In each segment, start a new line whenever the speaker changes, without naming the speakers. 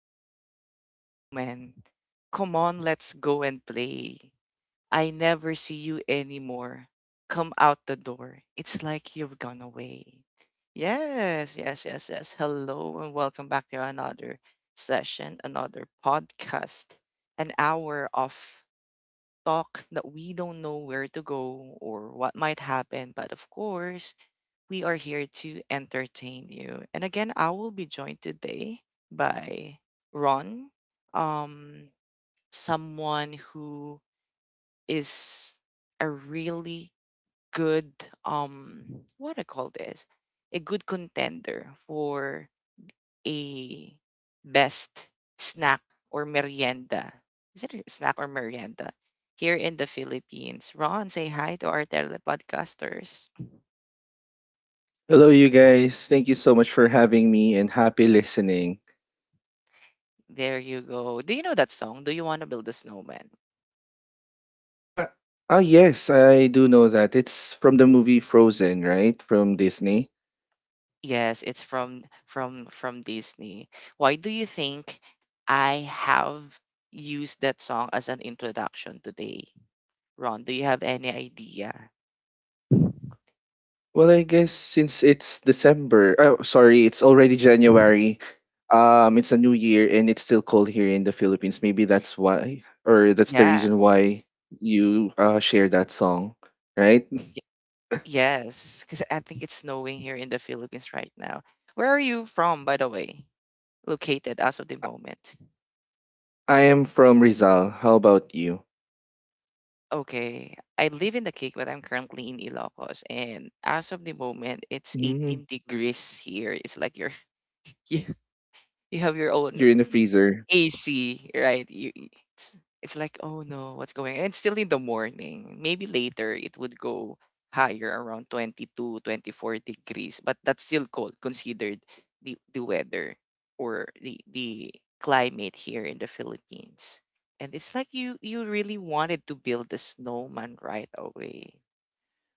you want to build a snowman? Come on, let's go and play. I never see you anymore. Come out the door. It's like you've gone away. Yes, yes, yes, yes. Hello and welcome back to another session, another podcast, an hour of talk that we don't know where to go or what might happen. But of course, we are here to entertain you. And again, I will be joined today by Ron, um, someone who is a really good, um, what I call this, a good contender for a best snack or merienda. Is it a snack or merienda? Here in the Philippines. Ron, say hi to our telepodcasters.
Hello, you guys. Thank you so much for having me and happy listening.
There you go. Do you know that song? Do you want to build a snowman?
Ah, yes, I do know that it's from the movie Frozen, right? From Disney.
Yes, it's from Disney. Why do you think I have used that song as an introduction today? Ron, do you have any idea?
Well, I guess since it's December, oh, sorry, it's already January. It's a new year, and it's still cold here in the Philippines. Maybe that's why, or that's the
Yeah.
reason why you share that song, right?
y- Yes, because I think it's snowing here in the Philippines right now. Where are you from, by the way? Located as of the moment.
I am from Rizal. How about you?
Okay, I live in the Cake, but I'm currently in Ilocos, and as of the moment, it's
Mm,
18 degrees here. It's like you you have your own
you're in the freezer.
AC, right? It's, it's like, oh no, what's going on? It's still in the morning. Maybe later it would go higher around 22-24 degrees, but that's still cold considered the weather or the climate here in the Philippines. And it's like you really wanted to build a snowman right away.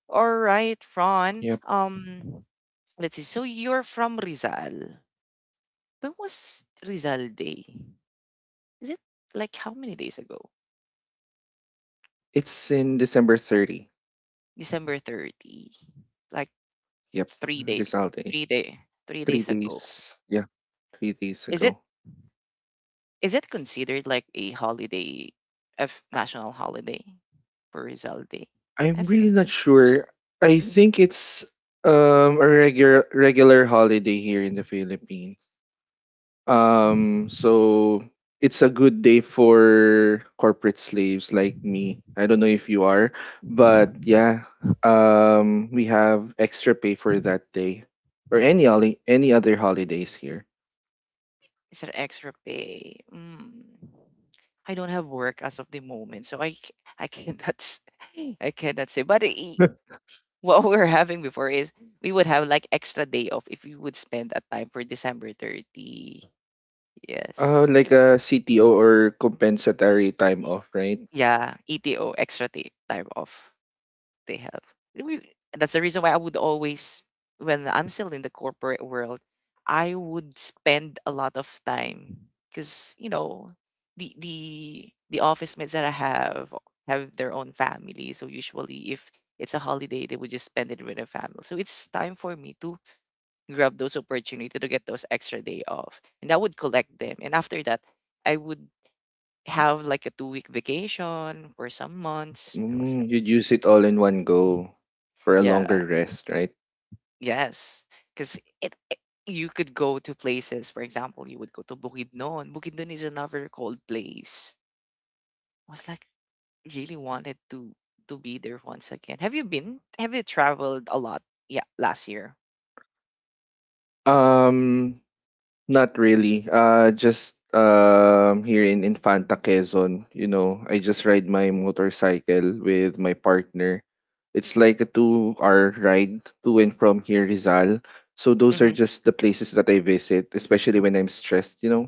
All right, Ron.
Yep.
Let's see. So you're from Rizal. When was Rizal Day? Is it like how many days ago?
It's in December 30.
December 30. Like
Yep,
three day
Rizal Day.
three day three
Three
days ago.
days. Yeah, 3 days
Is it
ago.
is it considered like a holiday, a national holiday for Rizal Day? I
I'm really
think.
not sure. I think it's a regular holiday here in the Philippines.
Mm.
So it's a good day for corporate slaves like me. I don't know if you are, but yeah, we have extra pay for that day or any other holidays here.
Is there extra pay? Mm. I don't have work as of the moment, so I cannot I cannot say. But what we're having before is we would have like extra day off if we would spend that time for December 30. Yes.
Like a CTO or compensatory time off, right?
Yeah, ETO extra day, time off they have. And we, that's the reason why I would always, when I'm still in the corporate world, I would spend a lot of time because you know the office mates that I have their own family, so usually if it's a holiday, they would just spend it with their family. So it's time for me to grab those opportunity to get those extra day off. And I would collect them. And after that, I would have like a 2 week vacation for some months. I was
Mm,
like,
you'd use it all in one go for a
yeah,
longer rest, right?
yes, because you could go to places. For example, you would go to Bukidnon. Bukidnon is another cold place. I was like, really wanted to be there once again. Have you traveled a lot? Yeah, last year.
Um, not really. Just here in Infanta Quezon, I just ride my motorcycle with my partner. It's like a 2-hour ride to and from here Rizal. So those are
Hmm,
just the places that I visit, especially when I'm stressed.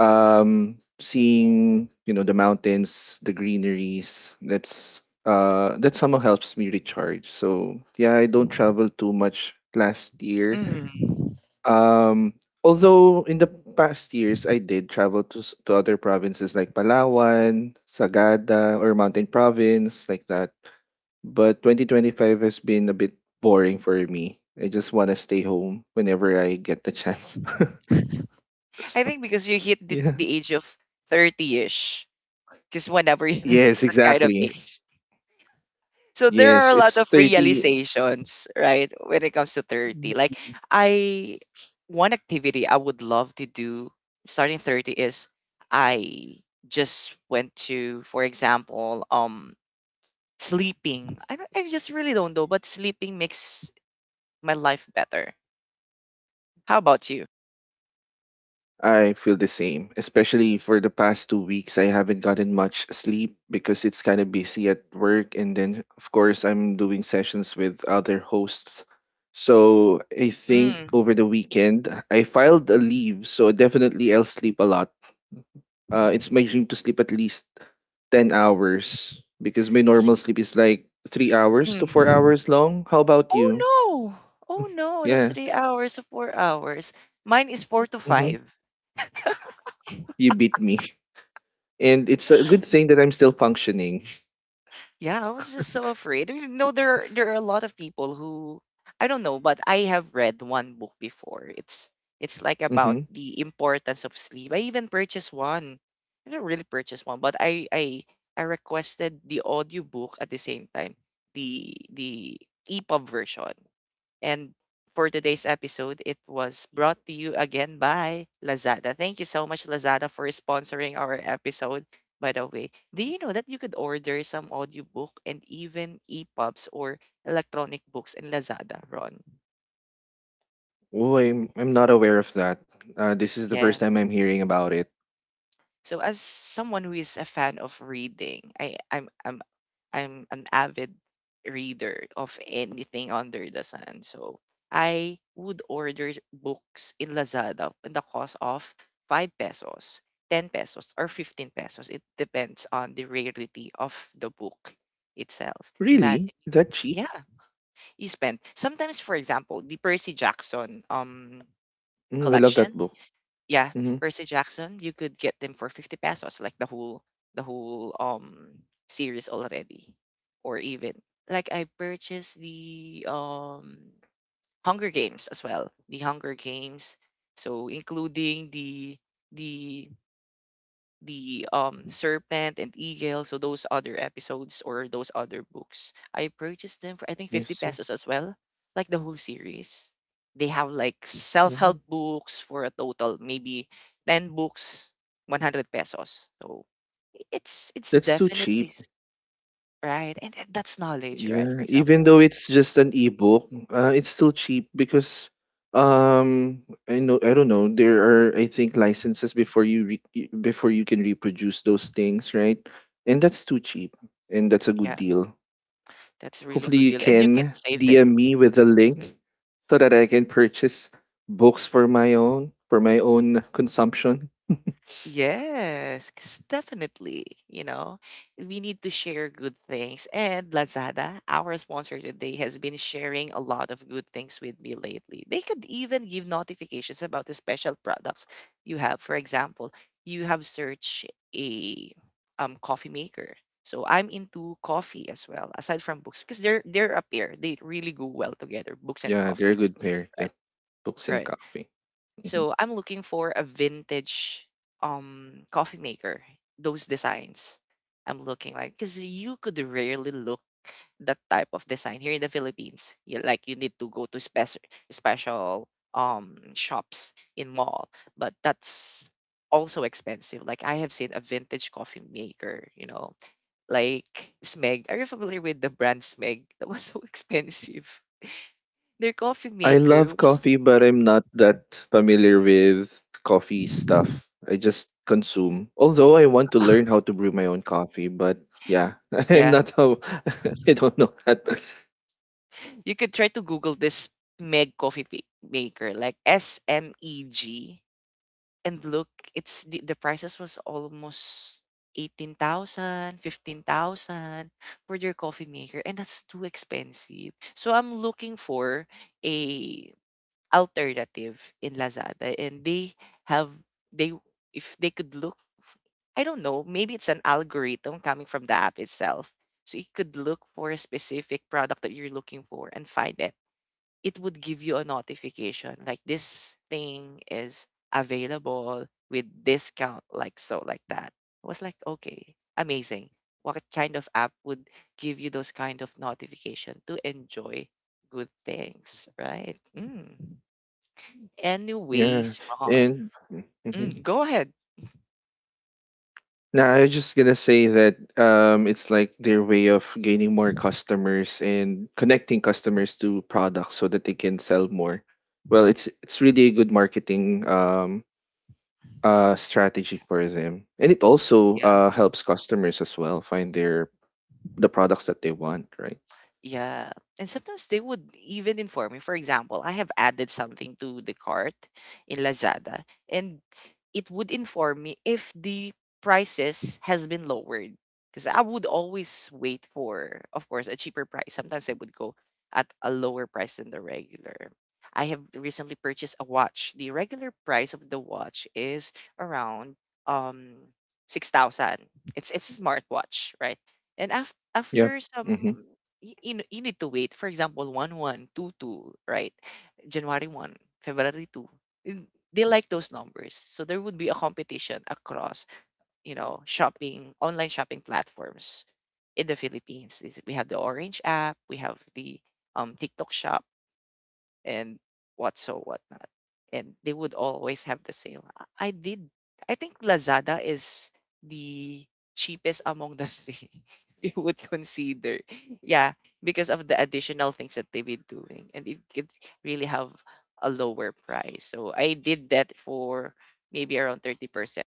Seeing the mountains, the greeneries, that somehow helps me recharge. So yeah, I don't travel too much last year.
hmm.
Um although in the past years, I did travel to to other provinces like Palawan, Sagada, or Mountain Province, like that. But 2025 has been a bit boring for me. I just want to stay home whenever I get the chance.
I think because you hit
Yeah,
the age of 30ish. Because whenever you have
yes,
that kind of
exactly.
age. So there are
Yes,
a lot
it's
of
30.
realizations, right, when it comes to 30. Like, I one activity I would love to do starting 30 is, I just went to, for example, sleeping. I don't, I just really don't know, but sleeping makes my life better. How about you?
I feel the same, especially for the past 2 weeks. I haven't gotten much sleep because it's kind of busy at work. And then, of course, I'm doing sessions with other hosts. So I think
Mm,
over the weekend, I filed a leave. So definitely I'll sleep a lot. It's my dream to sleep at least 10 hours, because my normal sleep is like 3 hours to four
mm.
hours long. How about
Oh
you?
no. Oh no, that's
Yeah.
3 hours or 4 hours. Mine is four to
Hmm.
five.
You beat me. And it's a good thing that I'm still functioning.
Yeah, I was just so afraid. You know, there are a lot of people who I don't know, but I have read one book before. It's like about
Hmm.
the importance of sleep. I even purchased one. I didn't really purchase one, but I requested the audiobook at the same time, the EPUB version. And for today's episode, it was brought to you again by Lazada. Thank you so much, Lazada, for sponsoring our episode. By the way, do you know that you could order some audiobook and even EPUBs or electronic books in Lazada, Ron?
Oh, I'm not aware of that. This is the first
Yes.
time I'm hearing about it.
So as someone who is a fan of reading, I I'm an avid reader of anything under the sun. So I would order books in Lazada in the cost of 5 pesos, 10 pesos, or 15 pesos. It depends on the rarity of the book itself.
Really?
Imagine,
That cheap?
yeah, you spend. Sometimes, for example, the Percy Jackson
Mm, I love that
collection,
book.
yeah,
Hmm.
Percy Jackson, you could get them for 50 pesos, like the whole series already. Or even like I purchased the Hunger Games as well, the Hunger Games, so including the the serpent and eagle. So those other episodes or those other books, I purchased them for, I think,
I
50
see.
pesos as well, like the whole series. They have like self-help
Mhm.
books for a total, maybe 10 books, 100 pesos. So it's
That's too
definitely
cheap.
right. And that's knowledge, right? For
Yeah, even
example,
though it's just an ebook, it's still cheap because um I don't know, there are, I think, licenses before you before you can reproduce those things, right? And that's too cheap, and that's a
yeah,
good deal.
that's a really
Hopefully,
good
you
deal, and you can
can
save them.
DM me with a link so that I can purchase books for my own consumption.
Yes, 'cause definitely. You know, we need to share good things. And Lazada, our sponsor today, has been sharing a lot of good things with me lately. They could even give notifications about the special products you have. For example, you have searched a coffee maker. So I'm into coffee as well, aside from books, because they're up here. They really go well together, books and
Yeah, they're a
coffee.
good pair. Yeah,
Right.
books and
Right.
coffee. Mhm.
So I'm looking for a vintage coffee maker, those designs. I'm looking like because you could rarely look that type of design here in the Philippines. You, like you need to go to special special shops in mall, but that's also expensive. Like I have seen a vintage coffee maker, like Smeg. Are you familiar with the brand Smeg? That was so expensive. Their coffee
I
maker
love
was
coffee, but I'm not that familiar with coffee stuff. I just consume. Although I want to learn how to brew my own coffee, but yeah, I'm
yeah.
not how I don't know that.
You could try to Google this Meg coffee maker, like SMEG, and look, it's the prices was almost 18,000, 15,000 for their coffee maker, and that's too expensive. So I'm looking for a alternative in Lazada, and they have they, if they could look, I don't know, maybe it's an algorithm coming from the app itself. So you could look for a specific product that you're looking for and find it. It would give you a notification, like this thing is available with discount, like so, like that. I was like, okay, amazing. What kind of app would give you those kind of notification to enjoy good things, right? Mm.
Yeah,
Anyways, Ron.
and Mhm.
Mm, go ahead.
Now, I was just gonna say that it's like their way of gaining more customers and connecting customers to products so that they can sell more. Well, it's really a good marketing, strategy for them, and it also helps customers as well find the products that they want, right?
Yeah. And sometimes they would even inform me. For example, I have added something to the cart in Lazada, and it would inform me if the prices has been lowered. Because I would always wait for, of course, a cheaper price. Sometimes I would go at a lower price than the regular. I have recently purchased a watch. The regular price of the watch is around um 6,000. It's a smartwatch, right? And
Yeah.
after some
Mm-hmm.
you need to wait. For example, 1/1, 2/2, right? January 1, February 2. And they like those numbers. So there would be a competition across, shopping, online shopping platforms in the Philippines. We have the Orange app, we have the TikTok shop, and what so whatnot. And they would always have the sale. I did. I think Lazada is the cheapest among the three, you would consider. Yeah, because of the additional things that they've been doing, and it could really have a lower price. So I did that for maybe around 30%.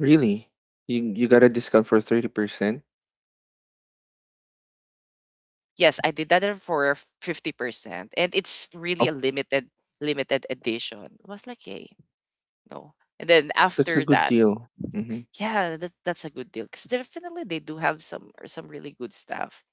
Really, you got a discount for 30%?
Yes, I did that for 50%, and it's really
Oh,
a limited edition. I was like, hey, no. And then
that's a
after
good
that.
deal. Mm-hmm.
Yeah, that's a good deal. 'Cause definitely they do have some really good stuff.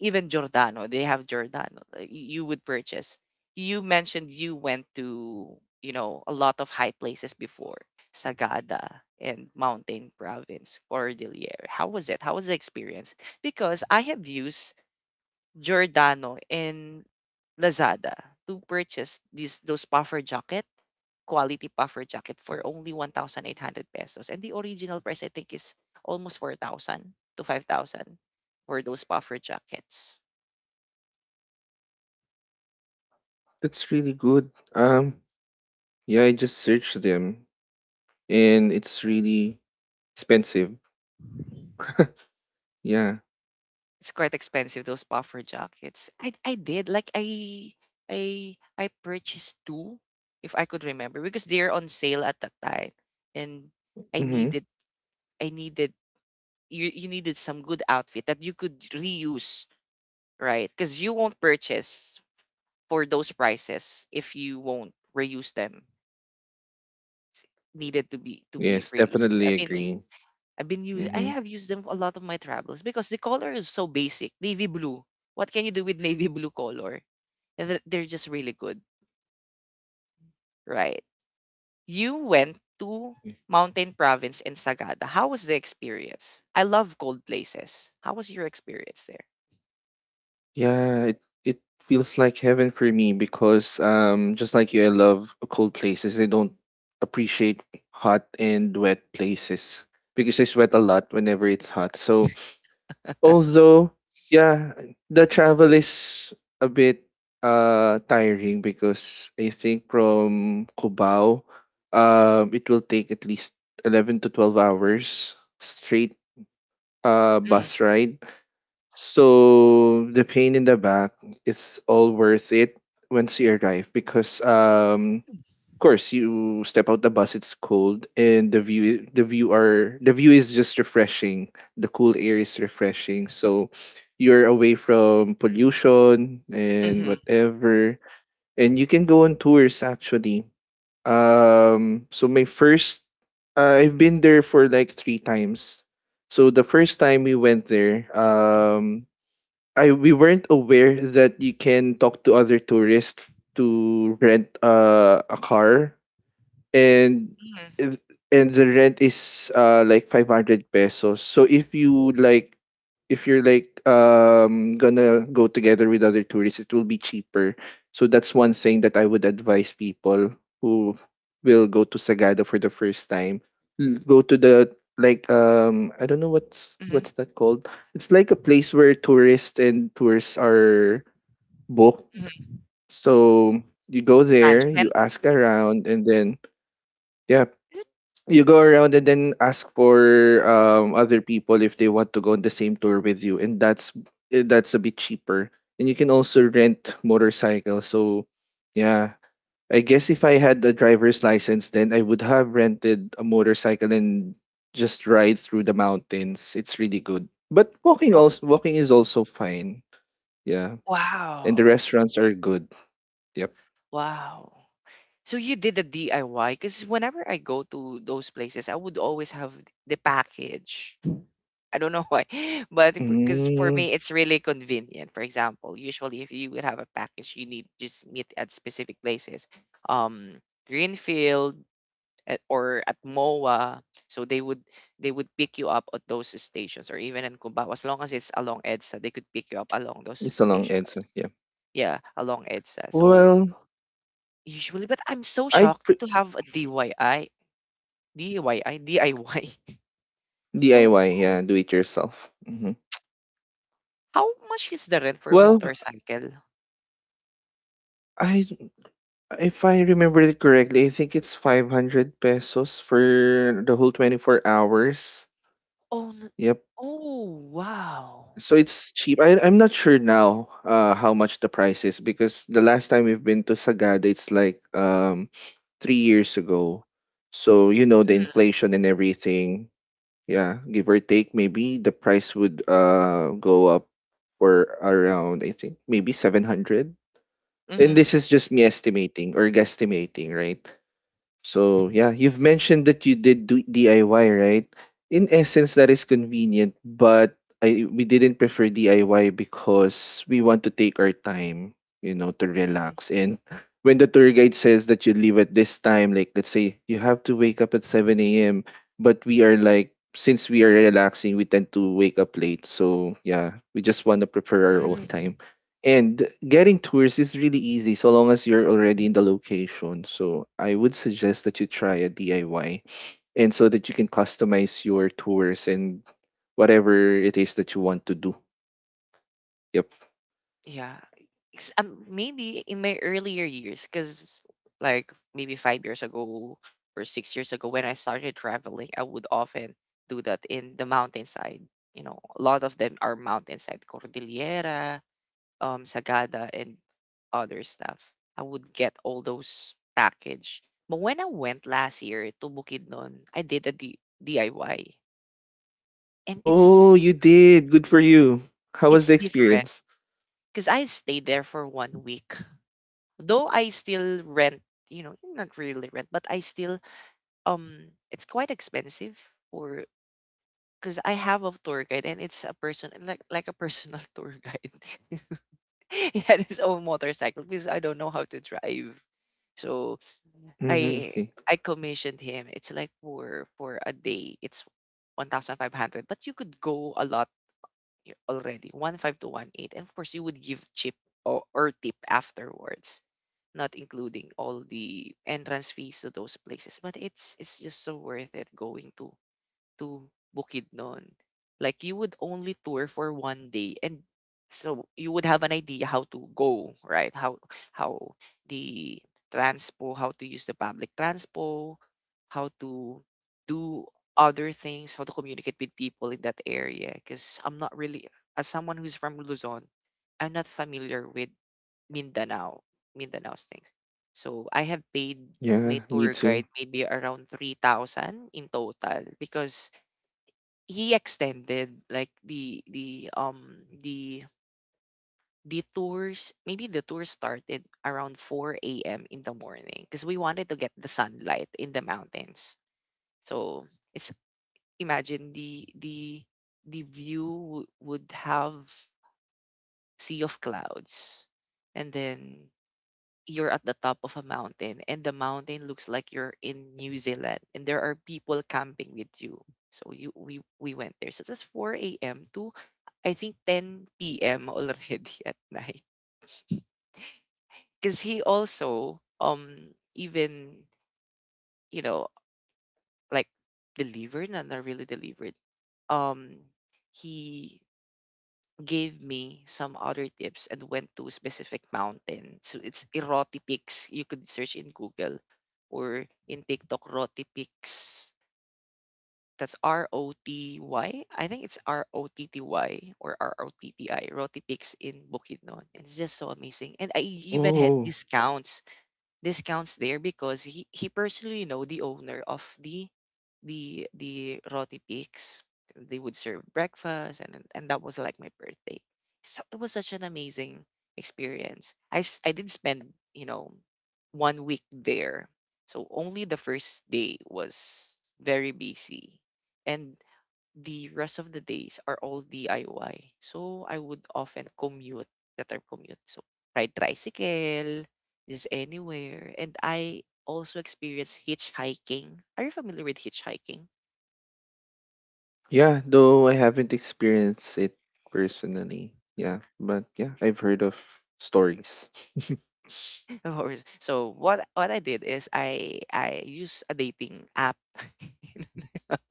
Even Giordano, they have Giordano. You would purchase. You mentioned you went to, a lot of high places before, Sagada and Mountain Province, Cordillera. How was it? How was the experience? Because I have used Giordano and Lazada to purchase these those puffer jackets, quality puffer jacket for only 1,800 pesos. And the original price, I think, is almost 4,000 to 5,000 for those puffer jackets.
That's really good. Yeah, I just searched them, and it's really expensive. Yeah.
It's quite expensive, those puffer jackets. I did, like, I purchased two, if I could remember, because they're on sale at that time. And I
Mhm.
needed, I needed, you needed some good outfit that you could reuse, right? Because you won't purchase for those prices if you won't reuse them needed to be
Yes,
reusable.
definitely
I mean,
agree.
I
Mhm.
have used them a lot of my travels because the color is so basic. Navy blue. What can you do with navy blue color? And they're just really good, right? You went to Mountain Province and Sagada. How was the experience? I love cold places. How was your experience
Yeah, it feels like heaven for me because just like you, I love cold places. I don't appreciate hot and wet places because I sweat a lot whenever it's hot. So,
there?
although yeah, the travel is a bit tiring because I think from Cubao it will take at least 11 to 12 hours straight,
Mm,
bus ride. So the pain in the back is all worth it once you arrive, because of course, you step out the bus, it's cold, and the view is just refreshing. The cool air is refreshing, so you're away from pollution and
mhm,
whatever. And you can go on tours, actually. um, so my first, I've been there for like three times. So the first time we went there,
mhm,
I we weren't aware that you can talk to other tourists to rent a car, and
mhm,
if- and the rent is like 500 pesos. So if you're like gonna go together with other tourists, it will be cheaper. So that's one thing that I would advise people who will go to Sagada for the first time: go to the, I don't know, what's
mhm,
what's that called... it's like a place where tourists and tours are booked.
mhm.
So you go there, you
Transient?
ask around, and then yeah, you go around and then ask for other people if they want to go on the same tour with you, and that's a bit cheaper. And you can also rent motorcycles. So yeah, I guess if I had a driver's license, then I would have rented a motorcycle and just ride through the mountains. It's really good, but
Wa-
walking is also fine. Yeah, and the
Wow.
restaurants are good. Yep.
Wow. So you did a DIY? Because whenever I go to those places, I would always have the package. I don't know why, but because for
mm,
me, it's really convenient. For example, usually if you would have a package, you need just meet at specific places, um, Greenfield or at MOA. So they would pick you up at those stations, or even in Cubao, as long as it's along EDSA, they could pick you up along those
it's a long
stations.
answer. Yeah.
Yeah, along EDSA. So
Well,
usually, but I'm so
I
shocked to have a DIY. So
DIY,
good.
yeah, do it yourself. Hmm.
How much is the rent for
Well,
motorcycle?
I if I remember it correctly, I think it's 500 pesos for the whole 24 hours.
Oh, n
Yep.
Oh, wow.
So it's cheap. I'm not sure now how much the price is because the last time we've been to Sagada, it's like 3 years ago. So, the
Mm,
inflation and everything, yeah, give or take, maybe the price would go up for around, I think, maybe 700. And
mhm,
this is just me estimating or guesstimating, right? So yeah, you've mentioned that you did do DIY, right? In essence, that is convenient, but I we didn't prefer DIY because we want to take our time, to
mm,
relax. And when the tour guide says that you leave at this time, like let's say you have to wake up at 7 a.m., but we are, like, since we are relaxing, we tend to wake up late. So yeah, we just want to prefer our own
mm,
time. And getting tours is really easy so long as you're already in the location. So I would suggest that you try a DIY, and so that you can customize your tours and whatever it is that you want to do. Yep.
yeah. It's, maybe in my earlier years, because like maybe 5 years ago or 6 years ago when I started traveling, I would often do that in the mountainside. You know, a lot of them are mountainside, Cordillera, Sagada and other stuff. I would get all those package. But when I went last year to Bukidnon, I did a DIY, and
Oh,
it's
you did. Good for you. How was the
it's different
experience?
because I stayed there for one week. Though I still rent, you know, not really rent, but I still it's quite expensive for because I have a tour guide, and it's a person like a personal tour guide. He had his own motorcycle because I don't know how to drive. So
Mm-hmm.
I
Okay.
I commissioned him. It's like for a day, it's 1,500, but you could go a lot already, one five to one eight. And of course, you would give chip or tip afterwards, not including all the entrance fees to those places. But it's just so worth it going to Bukidnon. Like you would only tour for one day, and so you would have an idea how to go, right? How the transpo, how to use the public transpo, how to do other things, how to communicate with people in that area. Because I'm not really, as someone who's from Luzon, I'm not familiar with Mindanao, Mindanao's things. So I have paid my
Yeah, me
tour
too.
guide maybe around 3,000 in total because he extended like the tours. Maybe the tour started around 4 a.m in the morning because we wanted to get the sunlight in the mountains. So it's imagine the view would have sea of clouds, and then you're at the top of a mountain and the mountain looks like you're in New Zealand and there are people camping with you. So you we went there. So that's 4 a.m. to I think 10 p.m. already at night. Because he also even, you know, like delivered, not really delivered. Um, he gave me some other tips and went to a specific mountain. So it's Iroti Peaks. You could search in Google or in TikTok Roti Peaks. That's Roty. I think it's Rotty or Rotti. Roti Peaks in Bukidnon. And it's just so amazing. And I even had
Oh,
discounts there because he personally know the owner of the roti pigs. They would serve breakfast and that was like my birthday. So it was such an amazing experience. I did spend, you know, one week there. So only the first day was very busy. And the rest of the days are all DIY. So I would often commute, the term commute. So ride tricycle, just anywhere. And I also experience hitchhiking. Are you familiar with hitchhiking?
yeah, though I haven't experienced it personally. Yeah, but yeah, I've heard of stories.
Of course. So what I did is I use a dating app.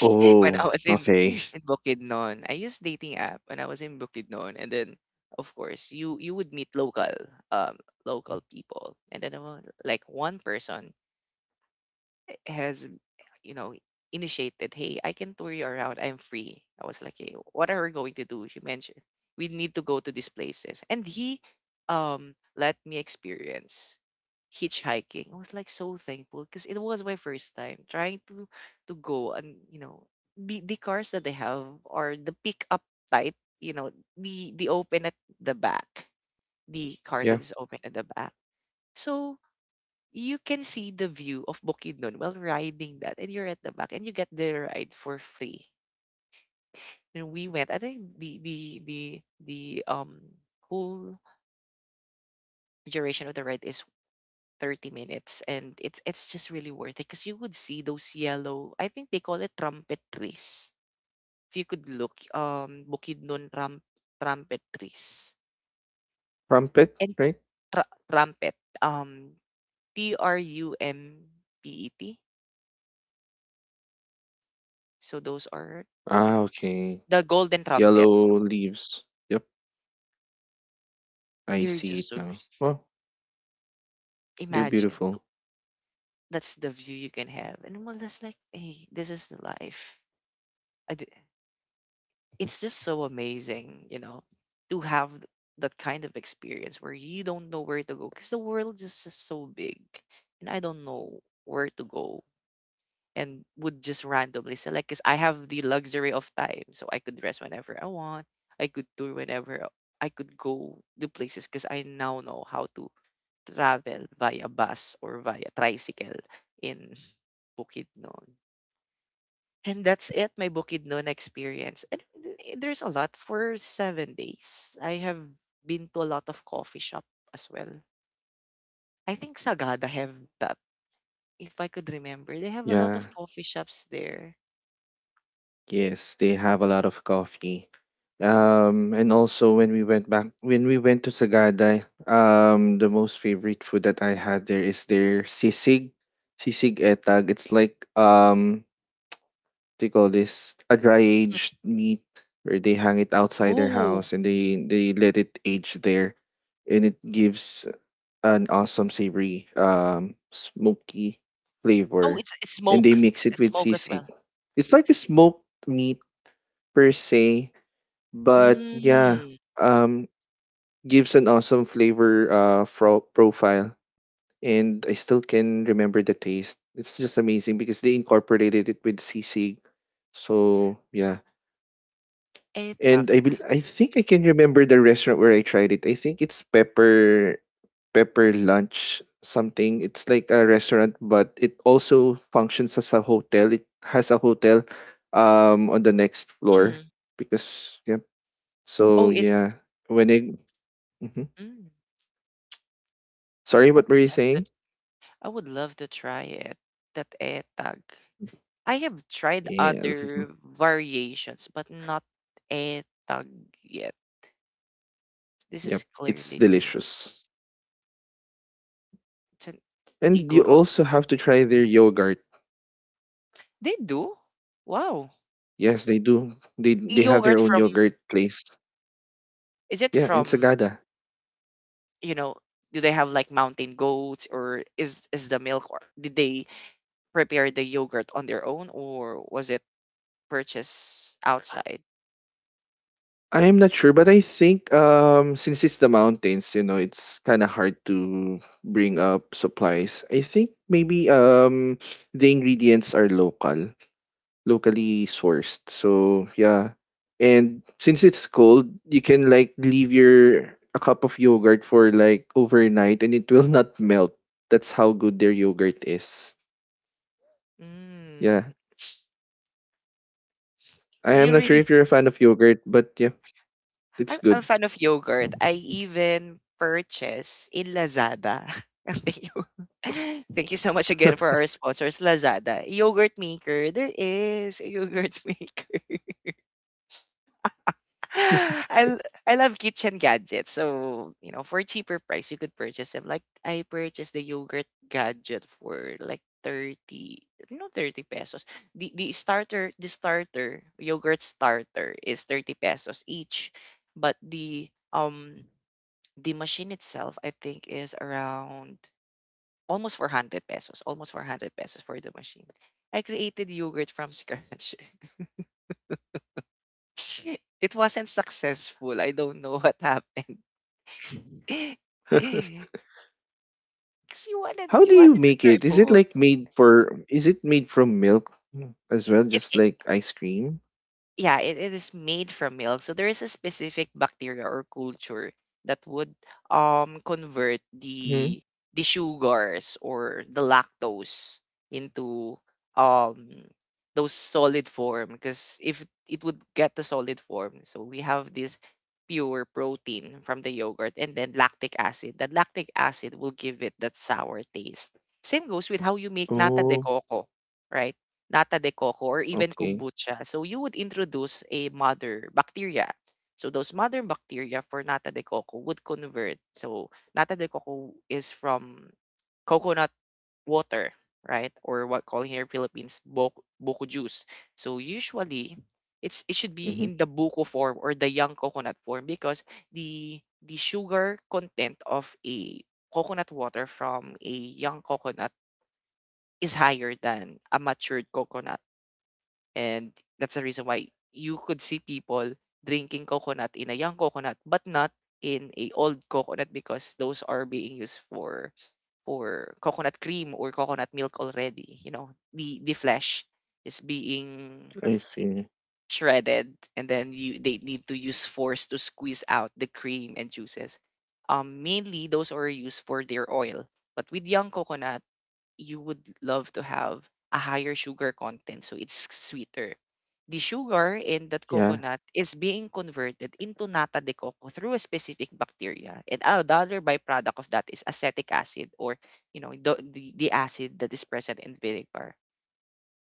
When I was in
okay.
in Bukidnon, I used dating app when I was in Bukidnon, and then of course you would meet local um local people, and then like one person has, you know initiated, hey, I can tour you around. I'm free. I was like, hey, what are we going to do? She mentioned we need to go to these places, and he let me experience hitchhiking. I was like so thankful because it was my first time trying to go, and you know the cars that they have are the pickup type. You know the open at the back, the car
Yeah.
that is open at the back. So you can see the view of Bukidnon while riding that, and you're at the back, and you get the ride for free. And we went. I think the the um whole duration of the ride is 30 minutes, and it's just really worth it because you would see those yellow, I think they call it, trumpet trees. If you could look Bukidnon ram, trumpet trees,
Crumpet,
and
right?
tra- trumpet um trumpet, so those are
Ah, okay.
the golden trumpets.
Yellow leaves. Yep, I
They are
see
just
it
so,
now. Well, they're
imagine,
beautiful.
that's the view you can have. And well, that's like, hey, this is the life. I, d- it's just so amazing, you know, to have that kind of experience where you don't know where to go because the world is just so big, and I don't know where to go and would just randomly select because I have the luxury of time. So I could rest whenever I want. I could tour whenever I could go to places because I now know how to travel via bus or via tricycle in Bukidnon. And that's it, my Bukidnon experience. And there's a lot for 7 days. I have been to a lot of coffee shop as well. I think Sagada have that, if I could remember. They have a lot
Yeah.
of coffee shops there.
Yes, they have a lot of coffee. And also, when we went back, when we went to Sagada, the most favorite food that I had there is their sisig etag. It's like, they call this a dry
Mm.
aged meat, where they hang it outside their
Oh,
house and they let it age there, and it gives an awesome savory, smoky
oh,
flavor,
it's
and they
smoke.
mix
It's,
it
it's
with
smoke as
sisig.
well.
It's like a smoked meat per se, but yeah,
Mm.
um, gives an awesome flavor profile. And I still can remember the taste. It's just amazing because they incorporated it with sisig. So yeah. And
Etag.
I think I can remember the restaurant where I tried it. I think it's Pepper Lunch something. It's like a restaurant, but it also functions as a hotel. It has a hotel on the next floor,
Mm.
because yeah. So
Oh, it.
yeah, when I Mhm.
Mm.
Sorry,
I
what
would
were you
love
saying?
that. I would love to try it. That etag. I have tried
Yes.
other variations, but not etag yet. This is
Yep. It's
clearly new.
delicious.
It's an
And you
Igorot
also
food.
have to try their yogurt.
They do? Wow.
Yes, they do. They have their
Yogurt
own
from,
yogurt place.
is it
Yeah, in
from,
Sagada.
you know, do they have like mountain goats, or is the milk, or did they prepare the yogurt on their own, or was it purchased outside?
I'm not sure, but I think since it's the mountains, it's kind of hard to bring up supplies. I think maybe the ingredients are local, locally sourced. So yeah, and since it's cold, you can, like, leave your a cup of yogurt for like overnight, and it will not melt. That's how good their yogurt is. Yeah,
Mm,
I am
you
not sure
really
if you're a fan of yogurt, but yeah, it's
I'm a
good.
fan of yogurt. I even purchase in Lazada. Thank you. Thank you so much again for our sponsors, Lazada. Yogurt maker. There is a yogurt maker. I love kitchen gadgets. So, you know, for a cheaper price you could purchase them. Like I purchased the yogurt gadget for like 30, no, 30 pesos. The starter, yogurt starter is 30 pesos each. But the machine itself, I think, is around almost 400 pesos, almost 400 pesos for the machine. I created yogurt from scratch. It wasn't successful. I don't know what happened. 'Cause you wanted
How do
you
you
wanted to
make
try
it? Is it
food.
like made for? Is it made from milk as well,
It
just like ice cream?
Yeah, it is made from milk. So there is a specific bacteria or culture that would convert
Hmm.
the sugars or the lactose into um those solid form, because if it would get the solid form, so we have this pure protein from the yogurt and then lactic acid. That lactic acid will give it that sour taste. Same goes with how you make nata de
Oh,
coco, right? Nata de coco, or even
okay.
kombucha. So you would introduce a mother bacteria. So those mother bacteria for nata de coco would convert. So nata de coco is from coconut water, right? Or what call here in Philippines, boko, boko juice. So usually
Yep.
it should be
Hmm.
in the buko form or the young coconut form because the sugar content of a coconut water from a young coconut is higher than a matured coconut. And that's the reason why you could see people drinking coconut in a young coconut, but not in a old coconut because those are being used for coconut cream or coconut milk already. You know, the flesh is being
I see.
shredded, and then you they need to use force to squeeze out the cream and juices. Mainly those are used for their oil. But with young coconut, you would love to have a higher sugar content, so it's sweeter. The sugar in that
Yeah,
coconut is being converted into nata de coco through a specific bacteria, and another byproduct of that is acetic acid, or you know the acid that is present in vinegar.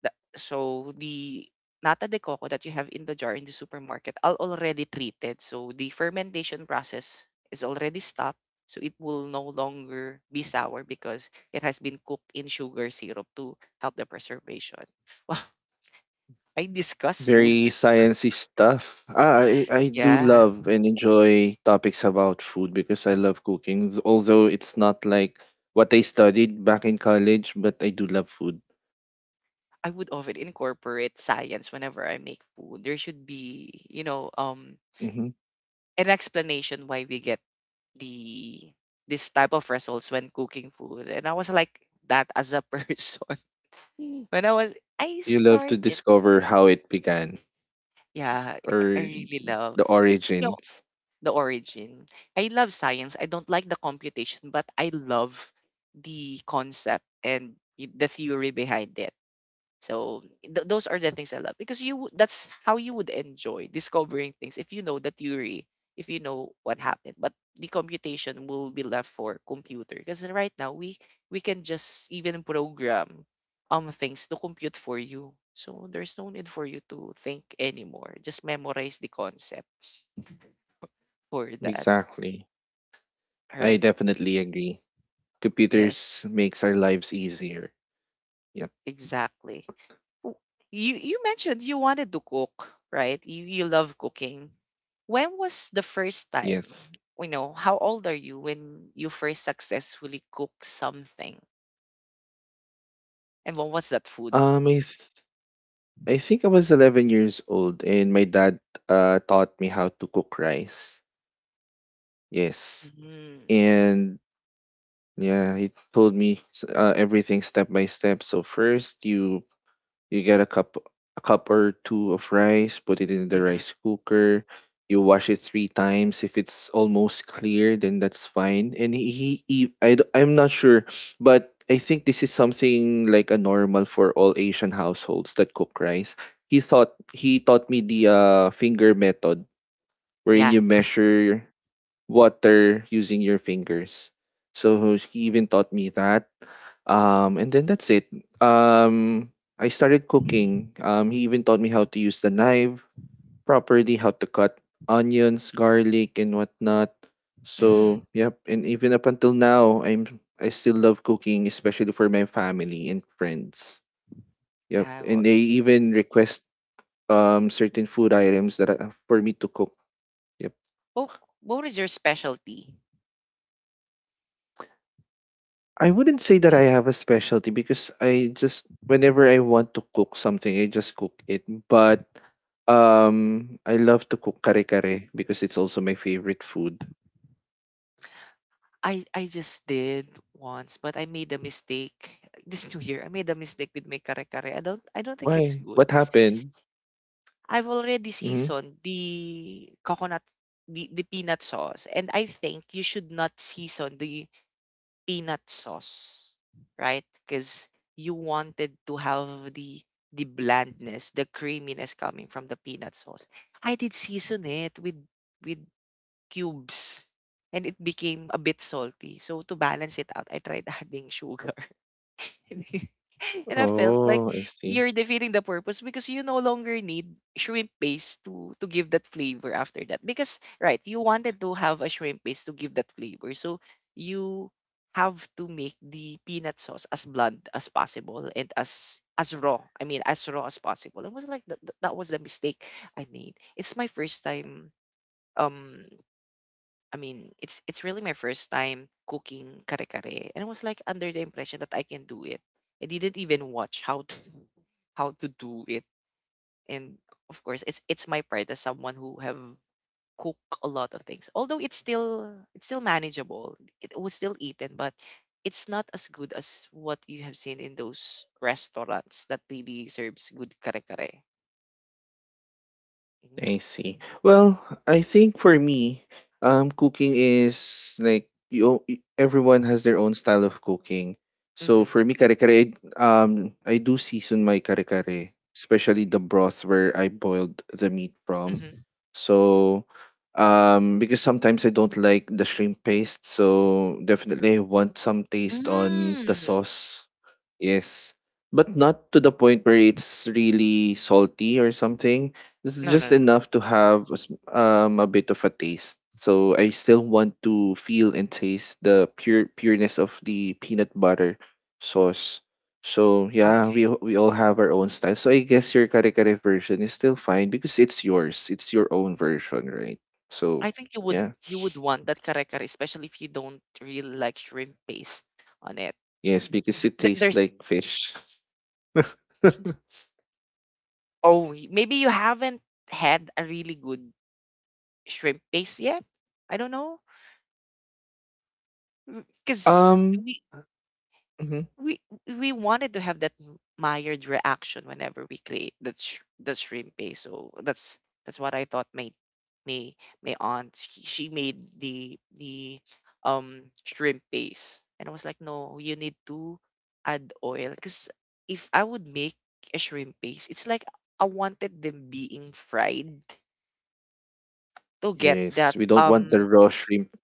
The so the nata de coco that you have in the jar in the supermarket are already treated. So the fermentation process is already stopped. So it will no longer be sour because it has been cooked in sugar syrup to help the preservation. Wow, I discuss
very
foods.
sciencey stuff. I do
Yeah,
love and enjoy topics about food because I love cooking. Although it's not like what I studied back in college, but I do love food.
I would often incorporate science whenever I make food. There should be, you know,
hmm
an explanation why we get the this type of results when cooking food and I was like that as a person when I was I
You love to
started
discover how it began
yeah I
or
really love
the
you know
origins.
the origin. I love science, I don't like the computation but I love the concept and the theory behind it. So those are the things I love because that's how you would enjoy discovering things if you know the theory, if you know what happened. But the computation will be left for computer because right now we can just even program things to compute for you. So there's no need for you to think anymore. Just memorize the concept for that.
Exactly.
All
I
right.
definitely agree.
Yes,
Computers makes our lives easier. Yep.
exactly. W- You mentioned you wanted to cook, right? You love cooking. When was the first
Yes.
time? You know, how old are you when you first successfully cooked something? And what was that food?
Um, I th- I think I was 11 years old, and my dad taught me how to cook rice. Yes,
Mm-hmm.
and yeah, he told me everything step by step. So first, you get a cup or two of rice, put it in the
Mm-hmm.
rice cooker. You wash it three times. If it's almost clear, then that's fine. And he I, d- I'm not sure, but I think this is something like a normal for all Asian households that cook rice. He thought he taught me the finger method, wherein
Yeah.
you measure water using your fingers. So he even taught me that. And then that's it. Um, I started
Mm.
cooking. He even taught me how to use the knife properly, how to cut onions, garlic, and whatnot.
Mm.
So, yep. And even up until now, I still love cooking, especially for my family and friends. Yep.
Yeah,
And they even request certain food items that for me to cook. Yep.
What what is your specialty?
I wouldn't say that I have a specialty because I just whenever I want to cook something, I just cook it. But I love to cook kare kare because it's also my favorite food.
I just did once, but I made a mistake this new year. I made a mistake with my kare kare. I don't think it's
Why?
good.
What happened?
I've already
hmm
seasoned the coconut, the peanut sauce and I think you should not season the peanut sauce, right? Because you wanted to have the blandness, the creaminess coming from the peanut sauce. I did season it with cubes and it became a bit salty. So to balance it out, I tried adding sugar. And I felt like
Oh, I see.
you're defeating the purpose because you no longer need shrimp paste to give that flavor after that. Because right, you wanted to have a shrimp paste to give that flavor. So you have to make the peanut sauce as blunt as possible and as raw. I mean as raw as possible. It was like that, that was the mistake I made. It's my first time um I mean, it's really my first time cooking kare-kare, and I was like under the impression that I can do it. I didn't even watch how to do it, and of course, it's my pride as someone who have cooked a lot of things. Although it's still manageable, it was still eaten, but it's not as good as what you have seen in those restaurants that really serves good kare-kare.
I
Mm-hmm.
see. Well, I think for me, cooking is like Everyone has their own style of cooking. So
Mm-hmm.
for me, kare kare, I do season my kare kare, especially the broth where I boiled the meat from.
Mm-hmm.
So, because sometimes I don't like the shrimp paste, so definitely I want some taste on the
Mm.
sauce. Yes, but not to the point where it's really salty or something. This is
No,
just
no, no, no.
enough to have a a bit of a taste. So I still want to feel and taste the pureness of the peanut butter sauce. So yeah,
Okay.
we all have our own style. So I guess your kare kare version is still fine because it's yours. It's your own version, right? So
I think you would
yeah,
you would want that kare kare, especially if you don't really like shrimp paste on it.
yes, because
'Cause
it
th-
tastes
there's
like fish.
'cause th- Oh maybe you haven't had a really good shrimp paste yet. I don't know because
um. mm-hmm.
we we wanted to have that mired reaction whenever we create that the shrimp paste. So that's what I thought. My my aunt, she made the shrimp paste, and I was like, no, you need to add oil because if I would make a shrimp paste, it's like I wanted them being fried to get
Yes,
that
we don't want the raw shrimp.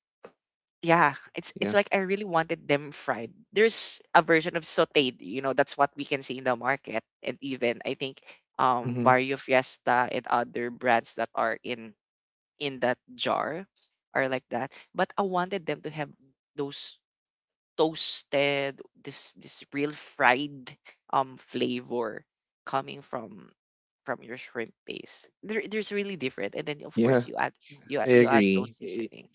yeah, it's
Yeah.
like I really wanted them fried. There's a version of sautéed, you know, that's what we can see in the market, and even I think
hmm
Barrio Fiesta and other brands that are in that jar are like that. But I wanted them to have those toasted, this real fried flavor coming from your shrimp paste. There, there's really different, and then of
Yeah,
course
I
you add those
agree.
seasoning.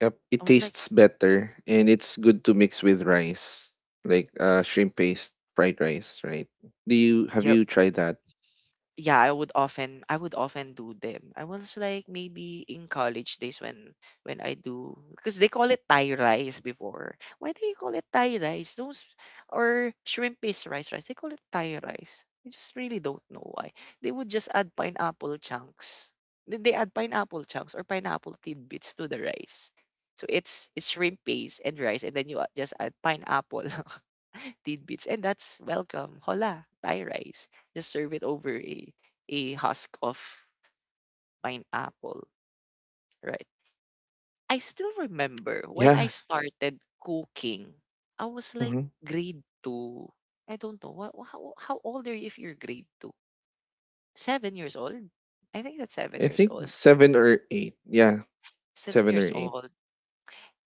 Yep,
I
it
was like.
tastes better and it's good to mix with rice, like shrimp paste fried rice, right? Do you have you tried that?
Yeah, I would often do them. I was like maybe in college days when I do because they call it Thai rice before. Why do you call it Thai rice? Those or shrimp paste rice. They call it Thai rice. I just really don't know why. They would just add pineapple chunks. They add pineapple chunks or pineapple tidbits to the rice. So it's shrimp paste and rice, and then just add pineapple tidbits, and that's welcome. Hola, Thai rice. Just serve it over a husk of pineapple, right? I still remember when I
Yeah.
started cooking. I was like
hmm
grade two. I don't know what how old are you if you're grade two? 7 years old. I think that's seven
I
years
think
old.
seven or eight. Yeah,
Seven
seven or
years
eight.
old.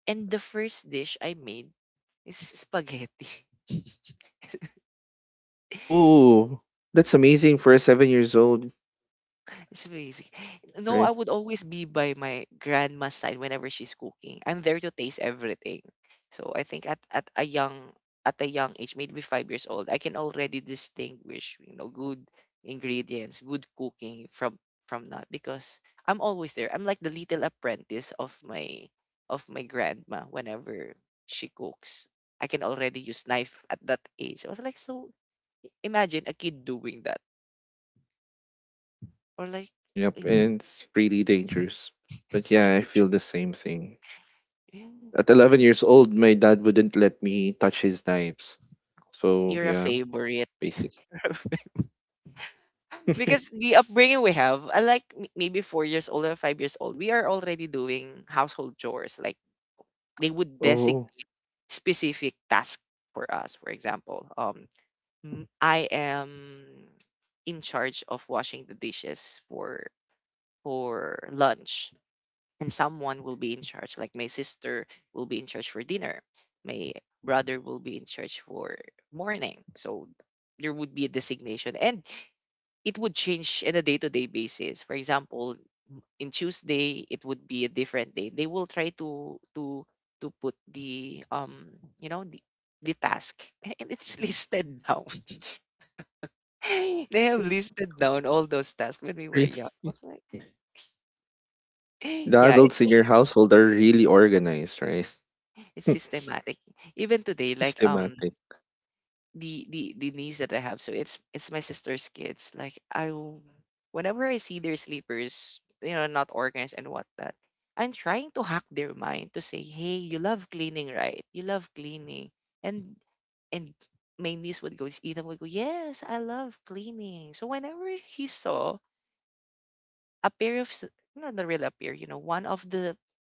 And the first dish I made is spaghetti.
Ooh, that's amazing for a seven years old,
It's basic. No,
right?
I would always be by my grandma's side whenever she's cooking. I'm there to taste everything. So I think at a young age, maybe 5 years old, I can already distinguish, you know, good ingredients, good cooking from not because I'm always there. I'm like the little apprentice of my grandma whenever she cooks. I can already use knife at that age. I was like, so imagine a kid doing that. Or like,
Yep,
mm,
and it's really dangerous. But yeah, I feel the same thing. At 11 years old, my dad wouldn't let me touch his knives. So
you're a
yeah,
favorite.
basic.
Because the upbringing we have, I like maybe 4 years old or 5 years old, we are already doing household chores. Like they would designate
Oh,
specific tasks for us. For example, I am in charge of washing the dishes for lunch. And someone will be in charge, like my sister will be in charge for dinner, my brother will be in charge for morning. So there would be a designation and it would change on a day-to-day basis. For example, in Tuesday it would be a different day. They will try to put the you know the task. A- and it's listed down. They have listed down all those tasks when we were
really?
young. I was like
The
yeah, it's
adults in
so.
your household are really organized, right?
It's systematic. Even today, like
Systematic.
the niece that I have, so it's my sister's kids. Like whenever I see their sleepers, you know, not organized and whatnot, I'm trying to hack their mind to say, hey, you love cleaning, right? You love cleaning, and and my niece would go, Ethan would go, yes, I love cleaning. So whenever he saw a pair of not a real a pair, you know, one of the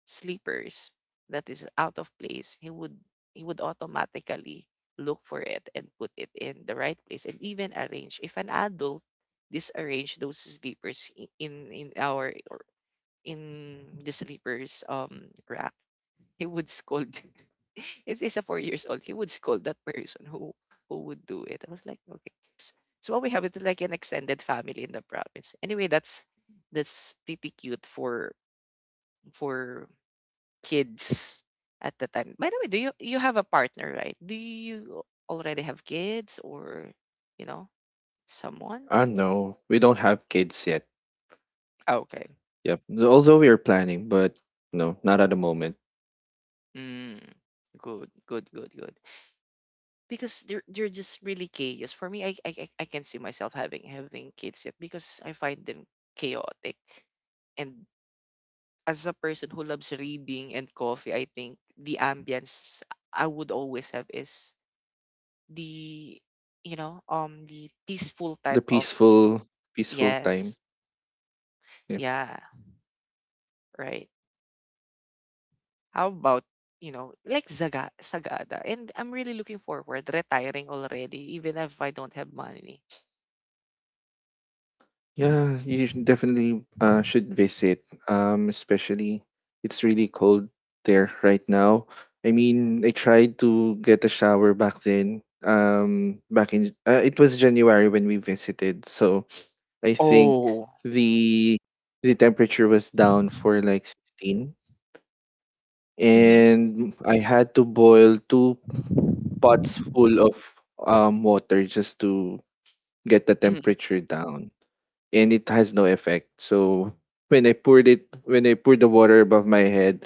sleepers that is out of place, he would automatically look for it and put it in the right place and even arrange. If an adult disarrange those sleepers in our or in the sleepers rack, he would scold. It's a 4 years old. He would scold that person who would do it. I was like, okay. So what we have is like an extended family in the province. Anyway, that's pretty cute for for kids at the time. By the way, do you have a partner, right? Do you already have kids or you know someone?
Ah, no, we don't have kids yet.
Ah, okay.
Yep. Although we are planning, but no, not at the moment.
Mm, good, good, good, good. Because they're just really chaos. For me, I can see myself having kids yet because I find them chaotic. And as a person who loves reading and coffee, I think the ambience I would always have is the you know the peaceful
The
type of,
peaceful, peaceful time.
yes,
Yeah.
yeah, right. How about you know like Zaga Sagada? And I'm really looking forward retiring already, even if I don't have money.
Yeah, you should definitely should visit. Especially it's really cold there right now. I mean, I tried to get a shower back then. Back in it was January when we visited, so I think
Oh.
the temperature was down for like 16,
Mm-hmm.
and I had to boil two pots full of water just to get the temperature down and it has no effect. So when I poured the water above my head,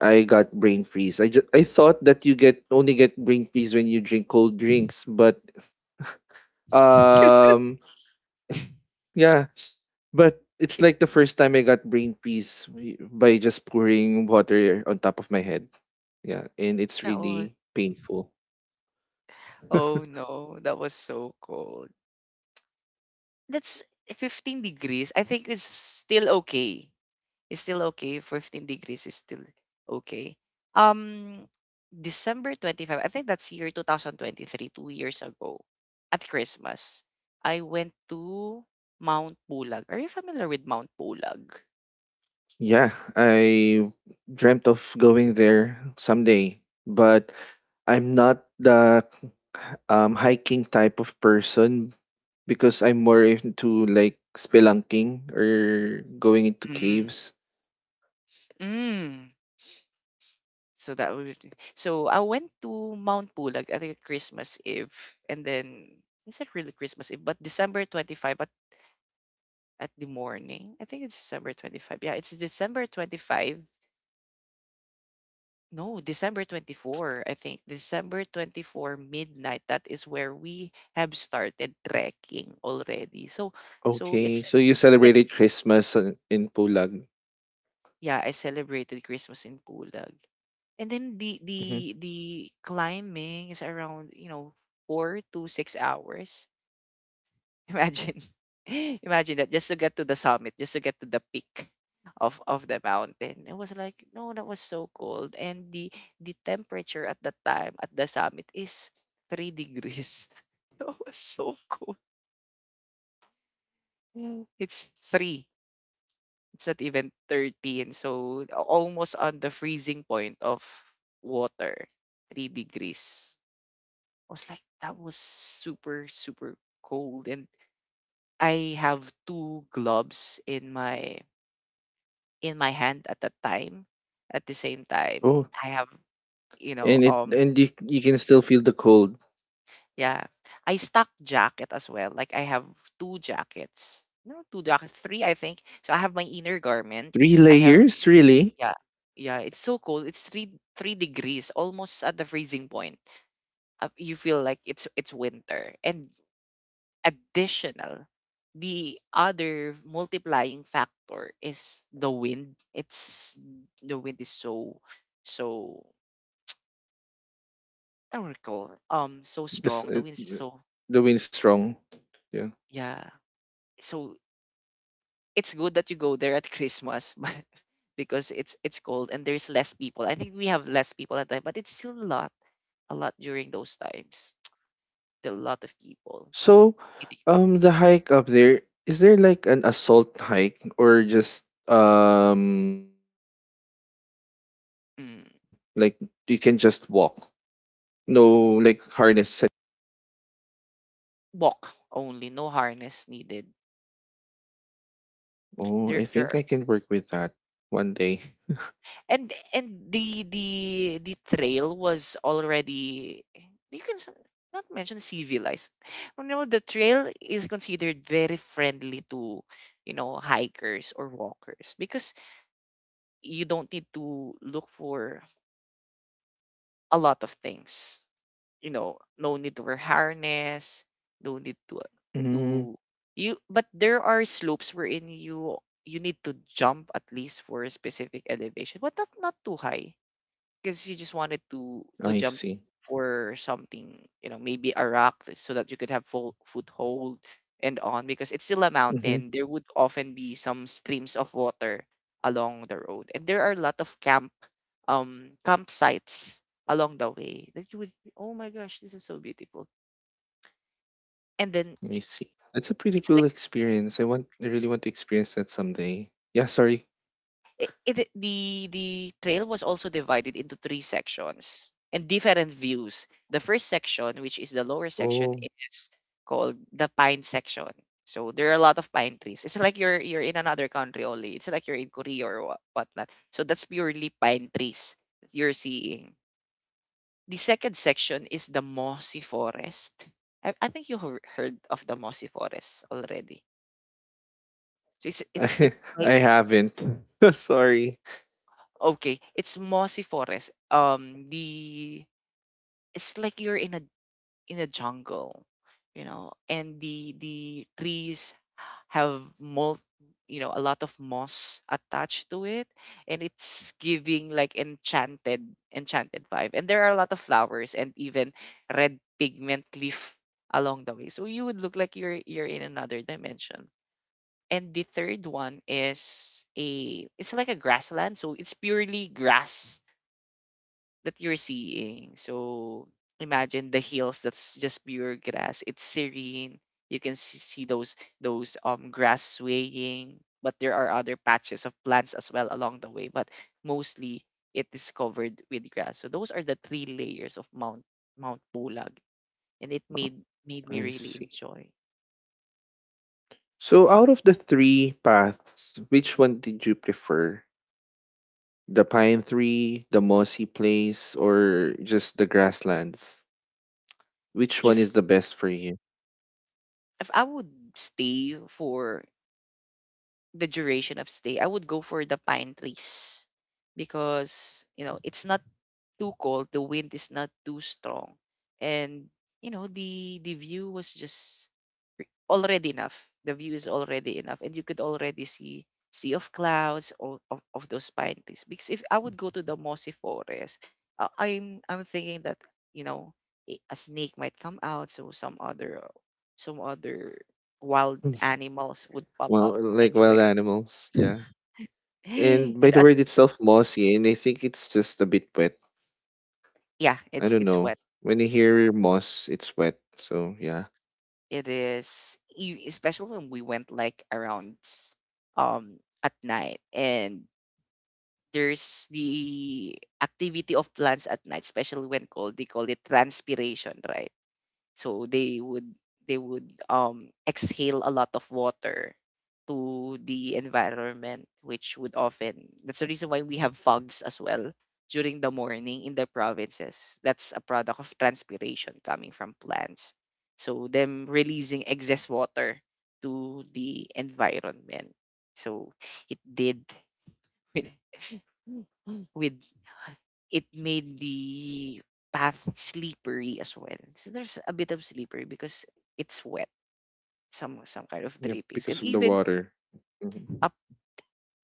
I got brain freeze. I thought that you get only get brain freeze when you drink cold drinks, but um yeah, but it's like the first time I got brain freeze by just pouring water on top of my head. Yeah, and it's
Mm-hmm.
really painful.
Oh no, that was so cold. That's 15 degrees. I think it's still okay. It's still okay. 15 degrees is still okay. Um, December 25, I think that's year 2023, 2 years ago, at Christmas, I went to Mount Pulag. Are you familiar with Mount Pulag?
Yeah, I dreamt of going there someday, but I'm not the hiking type of person because I'm more into like spelunking or going into
Mm.
caves.
Mm. So that would so I went to Mount Pulag at Christmas Eve and then it's not really Christmas Eve? But December 25, but at the morning. I think it's December 25. Yeah, it's December 25. No, December 24. I think December 24 midnight. That is where we have started trekking already. So, so
Okay, so you
it's like a
celebrated
s
Christmas on- in Pulag.
yeah, I celebrated Christmas in Pulag. And then the the
hmm
the climbing is around, you know, 4 to 6 hours. Imagine, imagine that just to get to the summit, just to get to the peak of the mountain. It was like, no, that was so cold, and the temperature at that time at the summit is 3 degrees. That was so cold. Mm. It's three. It's not even 13. So almost on the freezing point of water, 3 degrees. I was like, that was super super cold, and I have two gloves in my hand at that time. At the same time,
Oh,
I have, you know,
and it and you can still feel the cold.
yeah, I stock jacket as well. Like I have two jackets, no, two jackets, three, I think. So I have my inner garment.
Three
I have,
layers, really?
yeah, yeah. It's so cold. It's three degrees, almost at the freezing point. You feel like it's winter, and additional the other multiplying factor is the wind. It's the wind is so so Oracle, so
This,
strong. The
uh,
wind is so
the wind strong. Yeah.
yeah. So it's good that you go there at Christmas, but because it's cold and there's less people. I think we have less people at that time, but it's still a lot during those times. Still a lot of people.
So,
Really.
the hike up there, is there like an assault hike or just like you can just walk?
Mm,
No, like harness. And-
walk only, no harness needed.
Oh, I
There
think
there
I can work with that one day.
and the the trail was already you can s- not mention civilized, you know, the trail is considered very friendly to, you know, hikers or walkers because you don't need to look for a lot of things, you know, no need to wear harness, no need
Mm,
to you, but there are slopes wherein you you need to jump at least for a specific elevation but not too high because you just wanted to
I
jump
see.
for something, you know, maybe a rock that- so that you could have full foothold and on because it's still a
Mm-hmm.
mountain. There would often be some streams of water along the road, and there are a lot of camp campsites along the way that you would, oh my gosh, this is so beautiful. And then
I see. That's a pretty
it's
cool
like
experience. I really want to experience that someday. Yeah, sorry.
it the trail was also divided into three sections and different views. The first section, which is the lower section,
Oh,
is called the pine section. So there are a lot of pine trees. It's like you're in another country only. It's like you're in Korea or what, whatnot. So that's purely pine trees that you're seeing. The second section is the mossy forest. I think you heard of the mossy forest already. So it's it's
I,
it's like
I haven't. Sorry.
okay, it's mossy forest. The it's like you're in a jungle, you know, and the trees have mul you know a lot of moss attached to it, and it's giving like enchanted enchanted vibe, and there are a lot of flowers and even red pigment leaf along the way, so you would look like you're in another dimension. And the third one is a it's like a grassland, so it's purely grass that you're seeing. So imagine the hills that's just pure grass. It's serene. You can see those grass swaying, but there are other patches of plants as well along the way, but mostly it is covered with grass. So those are the three layers of Mount Pulag, and it
Oh,
made made me
I
really
see.
enjoy.
So out of the three paths, which one did you prefer? The pine tree, the mossy place, or just the grasslands? Which one
If
is the best for you?
if I would stay for the duration of stay, I would go for the pine trees because, you know, it's not too cold, the wind is not too strong, and, you know, the view was just already enough. The view is already enough, and you could already see sea of clouds or of those pine trees. Because if I would go to the mossy forest, I'm thinking that, you know, a snake might come out, so some other wild animals would pop up
Well, like wild
anywhere.
animals, yeah. And by
And
the
at,
word itself, mossy, and I think it's just a bit wet.
yeah,
I
it's
don't
it's
know.
wet.
When you hear moss, it's wet. So yeah.
It is especially when we went like around um at night, and there's the activity of plants at night, especially when cold. They call it transpiration, right? So they would exhale a lot of water to the environment, which would often, that's the reason why we have fogs as well during the morning in the provinces. That's a product of transpiration coming from plants, so them releasing excess water to the environment. So it did with it made the path slippery as well. So there's a bit of slippery because it's wet, some kind of
Yeah,
drippings.
because
And
of the
even
water. Mhm.
up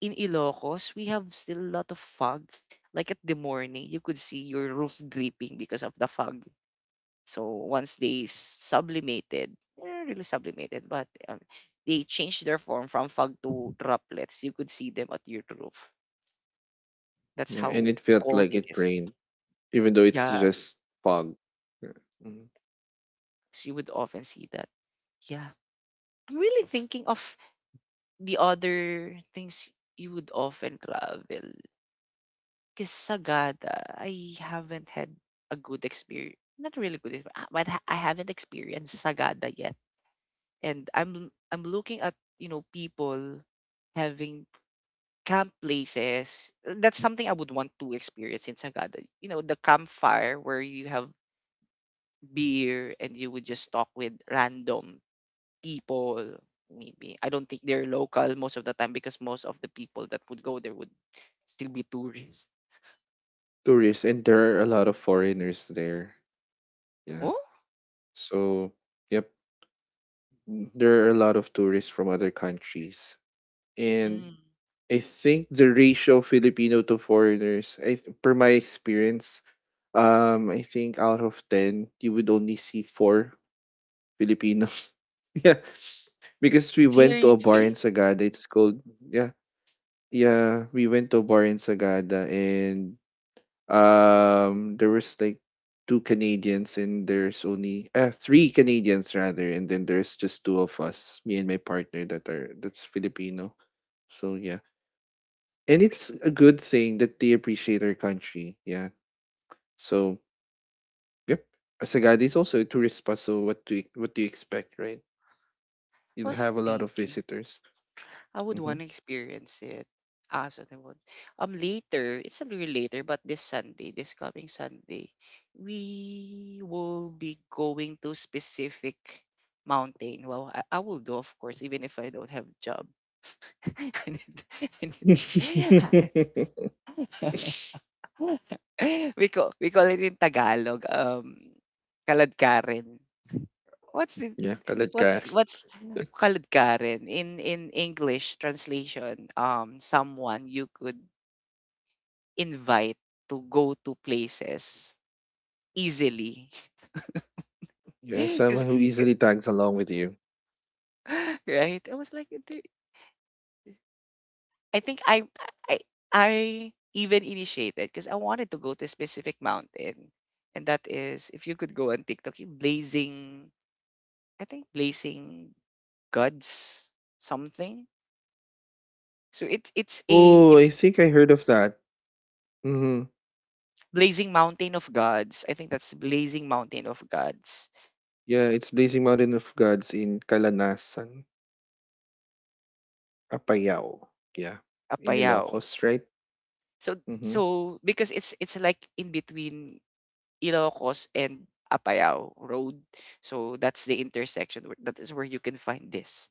in Ilocos, we have still a lot of fog. Like at the morning, you could see your roof dripping because of the fog. So once they sublimated, they're really sublimated, but they changed their form from fog to droplets. You could see them at your roof. That's
Yeah, and
how
it felt
cold
like
it
it
is.
rained, even though it's
Yeah,
just fog. Yeah. Mhm.
so you would often see that. Yeah. I'm really thinking of the other things you would often travel. Because Sagada, I haven't had a good experience. Not really good, I haven't experienced Sagada yet. And I'm looking at, you know, people having camp places. That's something I would want to experience in Sagada. You know the campfire where you have beer and you would just talk with random people, maybe. I don't think they're local most of the time because most of the people that would go there would still be tourists.
Tourists, and there are a lot of foreigners there. Yeah.
Oh,
So, yep, there are a lot of tourists from other countries. And
mm,
I think the ratio of Filipino to foreigners, per my experience, I think out of ten, you would only see four Filipinos. Yeah. Because we went to a bar in
seriously?
Sagada. It's called, yeah, yeah, we went to a bar in Sagada and there was like two Canadians and there's only three Canadians rather and then there's just two of us, me and my partner, that's Filipino. So yeah, and it's a good thing that they appreciate our country. Yeah. So yep, Sagada is also a tourist spot, so what do you expect, right?
I
You'll
was
have a lot of
thinking
visitors.
I would
hmm
want to experience it. Ah, so they would. Later, it's a little later, but this Sunday, this coming Sunday, we will be going to specific mountain. Well, I will do, of course, even if I don't have job. I need, I need, We call it in Tagalog, kaladkarin. What's it,
yeah, kalat ka.
what's kaladkarin in English translation? Someone you could invite to go to places easily.
Yeah,
'Cause-
someone who easily tags along with you.
right? I was like, "Dude," I think I I even initiated because I wanted to go to a specific mountain, and that is if you could go on TikTok, yung blazing, I think blazing gods something. So it's a
Oh, I
it's
think I heard of that. hmm
blazing mountain of gods. I think that's blazing mountain of gods,
Yeah, it's Blazing Mountain of Gods in Calanasan, Apayao. Yeah, in
Apayao.
Ilocos, right?
So
Mm-hmm.
so because it's like in between Ilocos and Apayao road. So that's the intersection where, that is where you can find this.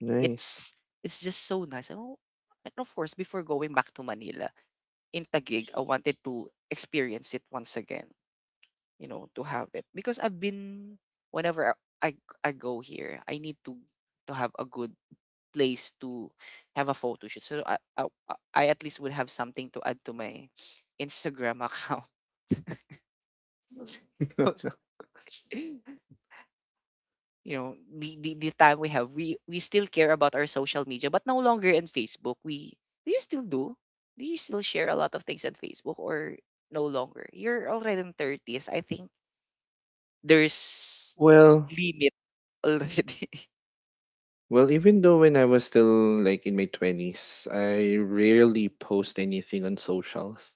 Nice.
It's it's just so nice. Oh, and of course, before going back to Manila in Taguig, I wanted to experience it once again. You know, to have it because I've been, whenever I I go here, I need to have a good place to have a photo shoot. So I at least would have something to add to my Instagram account. So, you know, the, the time we have, we still care about our social media, but no longer in Facebook. We do you still do do you still share a lot of things on Facebook or no longer, you're already in 30s, I think there's
Well,
limit already.
well, even though when I was still like in my 20s, I rarely post anything on socials.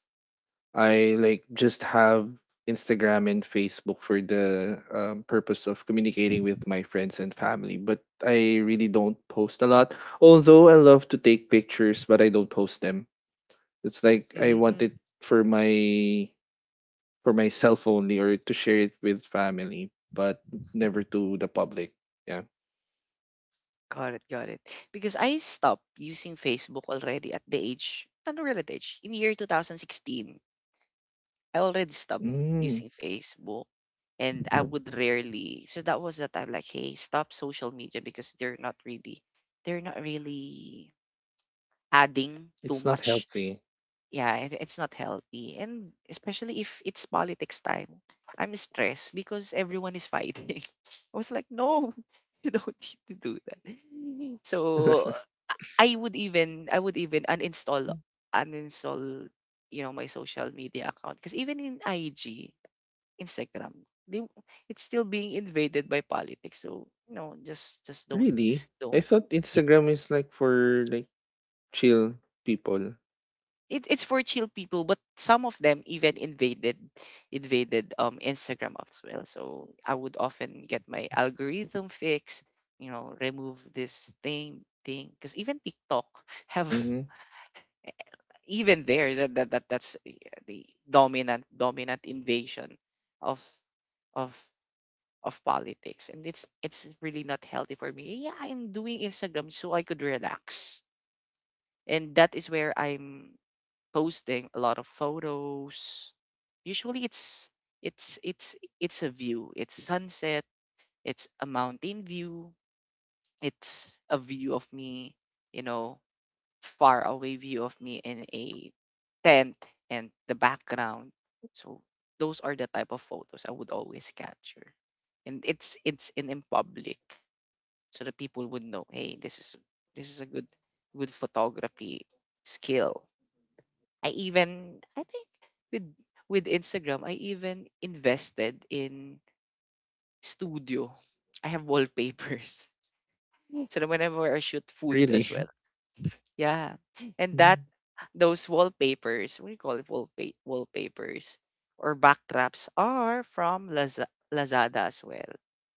I like just have Instagram and Facebook for the purpose of communicating with my friends and family, but I really don't post a lot. Although I love to take pictures, but I don't post them. It's like I want
Mhm.
it for my for myself only or to share it with family, but never to the public. Yeah.
Got it, got it. Because I stopped using Facebook already at the age, not really at the age, in year 2016, I already stopped
Mm,
using Facebook. And I Mhm. would rarely, so that was the time like, hey, stop social media because they're not really adding too
it's not
much.
healthy.
Yeah, and it's not healthy. And especially if it's politics time, I'm stressed because everyone is fighting. I was like, no, you don't need to do that. So I would even uninstall, you know, my social media account because even in IG, Instagram, they, it's still being invaded by politics. So, you know, just don't
Really?
don't.
I thought
Ye-
Instagram is like for like chill people.
it, it's for chill people, but some of them even invaded Instagram as well. So I would often get my algorithm fixed, you know, remove this thing because even TikTok have
Mm-hmm.
even there that, that's the dominant invasion of of of politics, and it's really not healthy for me. Yeah, I'm doing Instagram so I could relax, and that is where I'm posting a lot of photos. Usually it's it's a view, it's sunset, it's a mountain view, it's a view of me, you know, far away view of me in a tent and the background. So those are the type of photos I would always capture. And it's in public so that people would know, hey, this is a good good photography skill. I even I think with with Instagram, I even invested in studio. I have wallpapers. So that whenever I shoot food
Really?
as well, yeah. And that
Mm.
those wallpapers, what do you call it? Wallpapers or backdrops are from Lazada as well.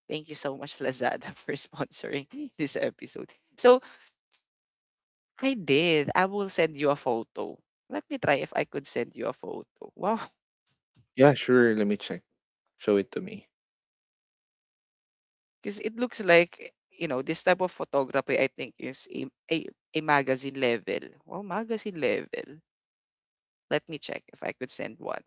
Thank you so much, Lazada, for sponsoring this episode. So I did. I will send you a photo. Let me try if I could send you a photo. Wow.
Yeah, sure. Let me check. Show it to me.
Because it looks like, you know, this type of photography, I think, is a magazine level. Wow, magazine level. Let me check if I could send one.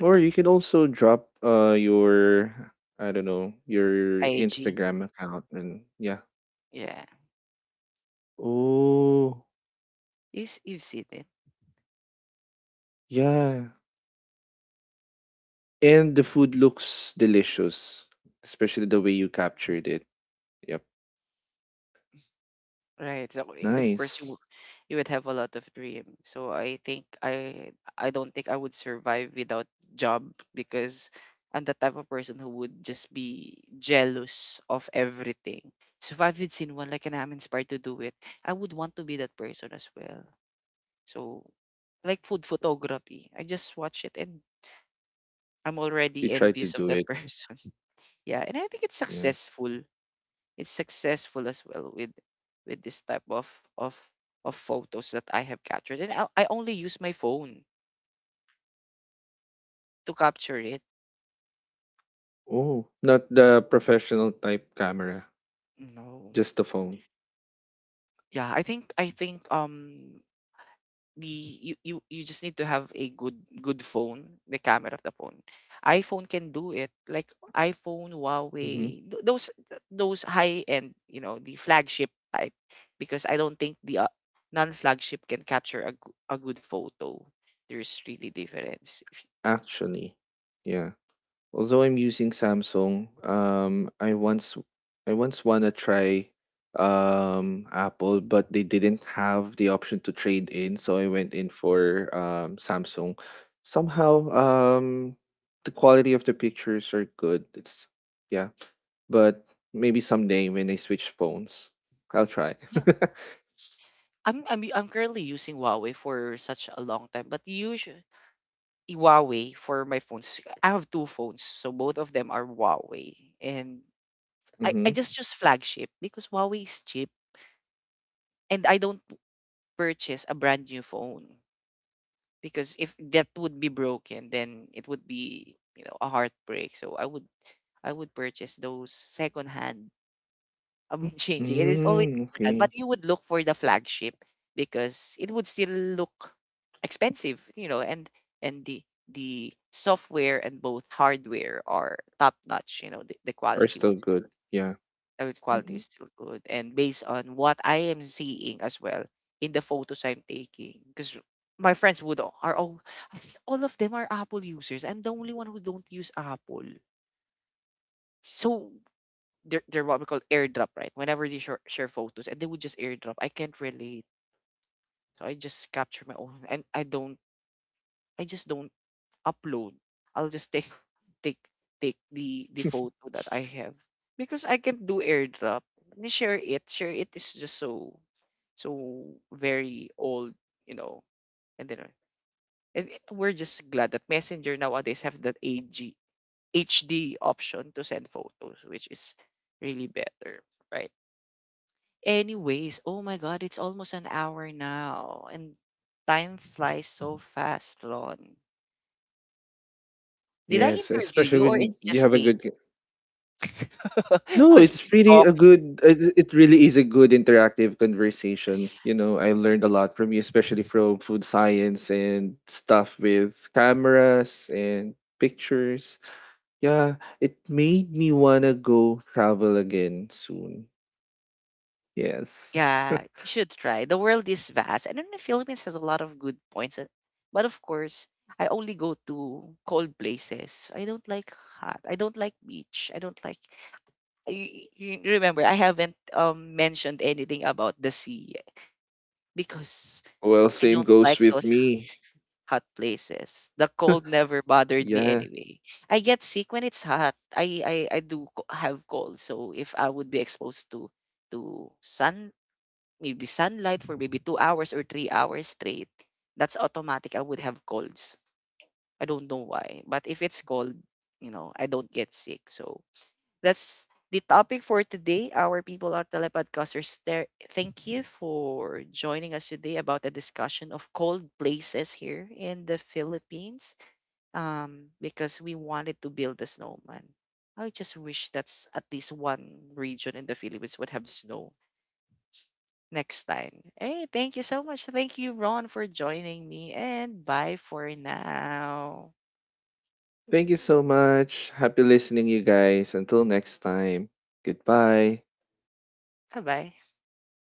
Or you can also drop your I don't know your
IG.
Instagram account and yeah.
Yeah.
Oh
Yes, you've seen it,
yeah. And the food looks delicious, especially the way you captured it. Yep.
right? So of course
Nice.
you would have a lot of dream. So I think I don't think I would survive without job because I'm the type of person who would just be jealous of everything. So if I've seen one like and I'm inspired to do it, I would want to be that person as well. So like food photography, I just watch it and I'm already
You tried to
envious of
do
that
it.
person. Yeah, and I think it's
Yeah.
successful, it's successful as well with this type of of photos that I have captured. And I only use my phone to capture it.
Oh, not the professional type camera,
No.
just the phone.
Yeah, I think the you just need to have a good phone, the camera of the phone. iPhone can do it. Like iPhone,
hmm
Huawei, those high end, you know, the flagship type because I don't think the non-flagship can capture a good photo. There's really difference.
Actually, yeah. Although I'm using Samsung, I once wanna try Apple, but they didn't have the option to trade in, so I went in for Samsung. Somehow, the quality of the pictures are good. It's Yeah, but maybe someday when I switch phones, I'll try.
I'm currently using Huawei for such a long time, but usually Huawei for my phones. I have two phones, so both of them are Huawei, and I
Mm-hmm.
just choose flagship because Huawei is cheap, and I don't purchase a brand new phone because if that would be broken, then it would be, you know, a heartbreak. So I would purchase those second hand, changing. It is always
Mm,
like that.
okay.
But you would look for the flagship because it would still look expensive, you know, and the software and both hardware are top notch. You know, the
Are
quality
still
was still,
good. Yeah.
the quality
Mm-mm.
is still good, and based on what I am seeing as well in the photos I'm taking, because my friends would are all I think all of them are Apple users. I'm the only one who don't use Apple. So they're what we call airdrop, right? Whenever they share photos and they would just airdrop. I can't relate. So I just capture my own and I just don't upload. I'll just take take the photo that I have because I can't do airdrop. Me Share it. Share it is just so very old, you know. And then and it- we're just glad that Messenger nowadays have that a g H D option to send photos, which is really better, right? Anyways, oh my God, it's almost an hour now, and time flies so fast, Lon. Did I
Yes,
interview
especially
you, or
when
it's
you have
just
a
me
good. No,
who's
it's
been
really a
talking?
good. It really is a good interactive conversation. You know, I learned a lot from you, especially from food science and stuff with cameras and pictures. Yeah, it made me wanna go travel again soon. Yes.
Yeah, you should try. The world is vast, and then the Philippines has a lot of good points. And- But of course, I only go to cold places. I don't like hot. I don't like beach. I don't like. I- You remember, I haven't mentioned anything about the sea because
Well,
I
same
don't
goes
like
with
those
me.
hot places. The cold never bothered me
Yeah.
anyway. I get sick when it's hot. I have cold. So if I would be exposed to sun, maybe sunlight for maybe 2 hours or 3 hours straight, that's automatic. I would have colds. I don't know why, but if it's cold, you know, I don't get sick. So that's the topic for today. Our people are telepodcasters. There, thank you for joining us today about the discussion of cold places here in the Philippines. Because we wanted to build a snowman. I just wish that's at least one region in the Philippines would have snow next time. Hey, thank you so much. Thank you, Ron, for joining me, and bye for now.
Thank you so much. Happy listening, you guys. Until next time. Goodbye.
Bye bye.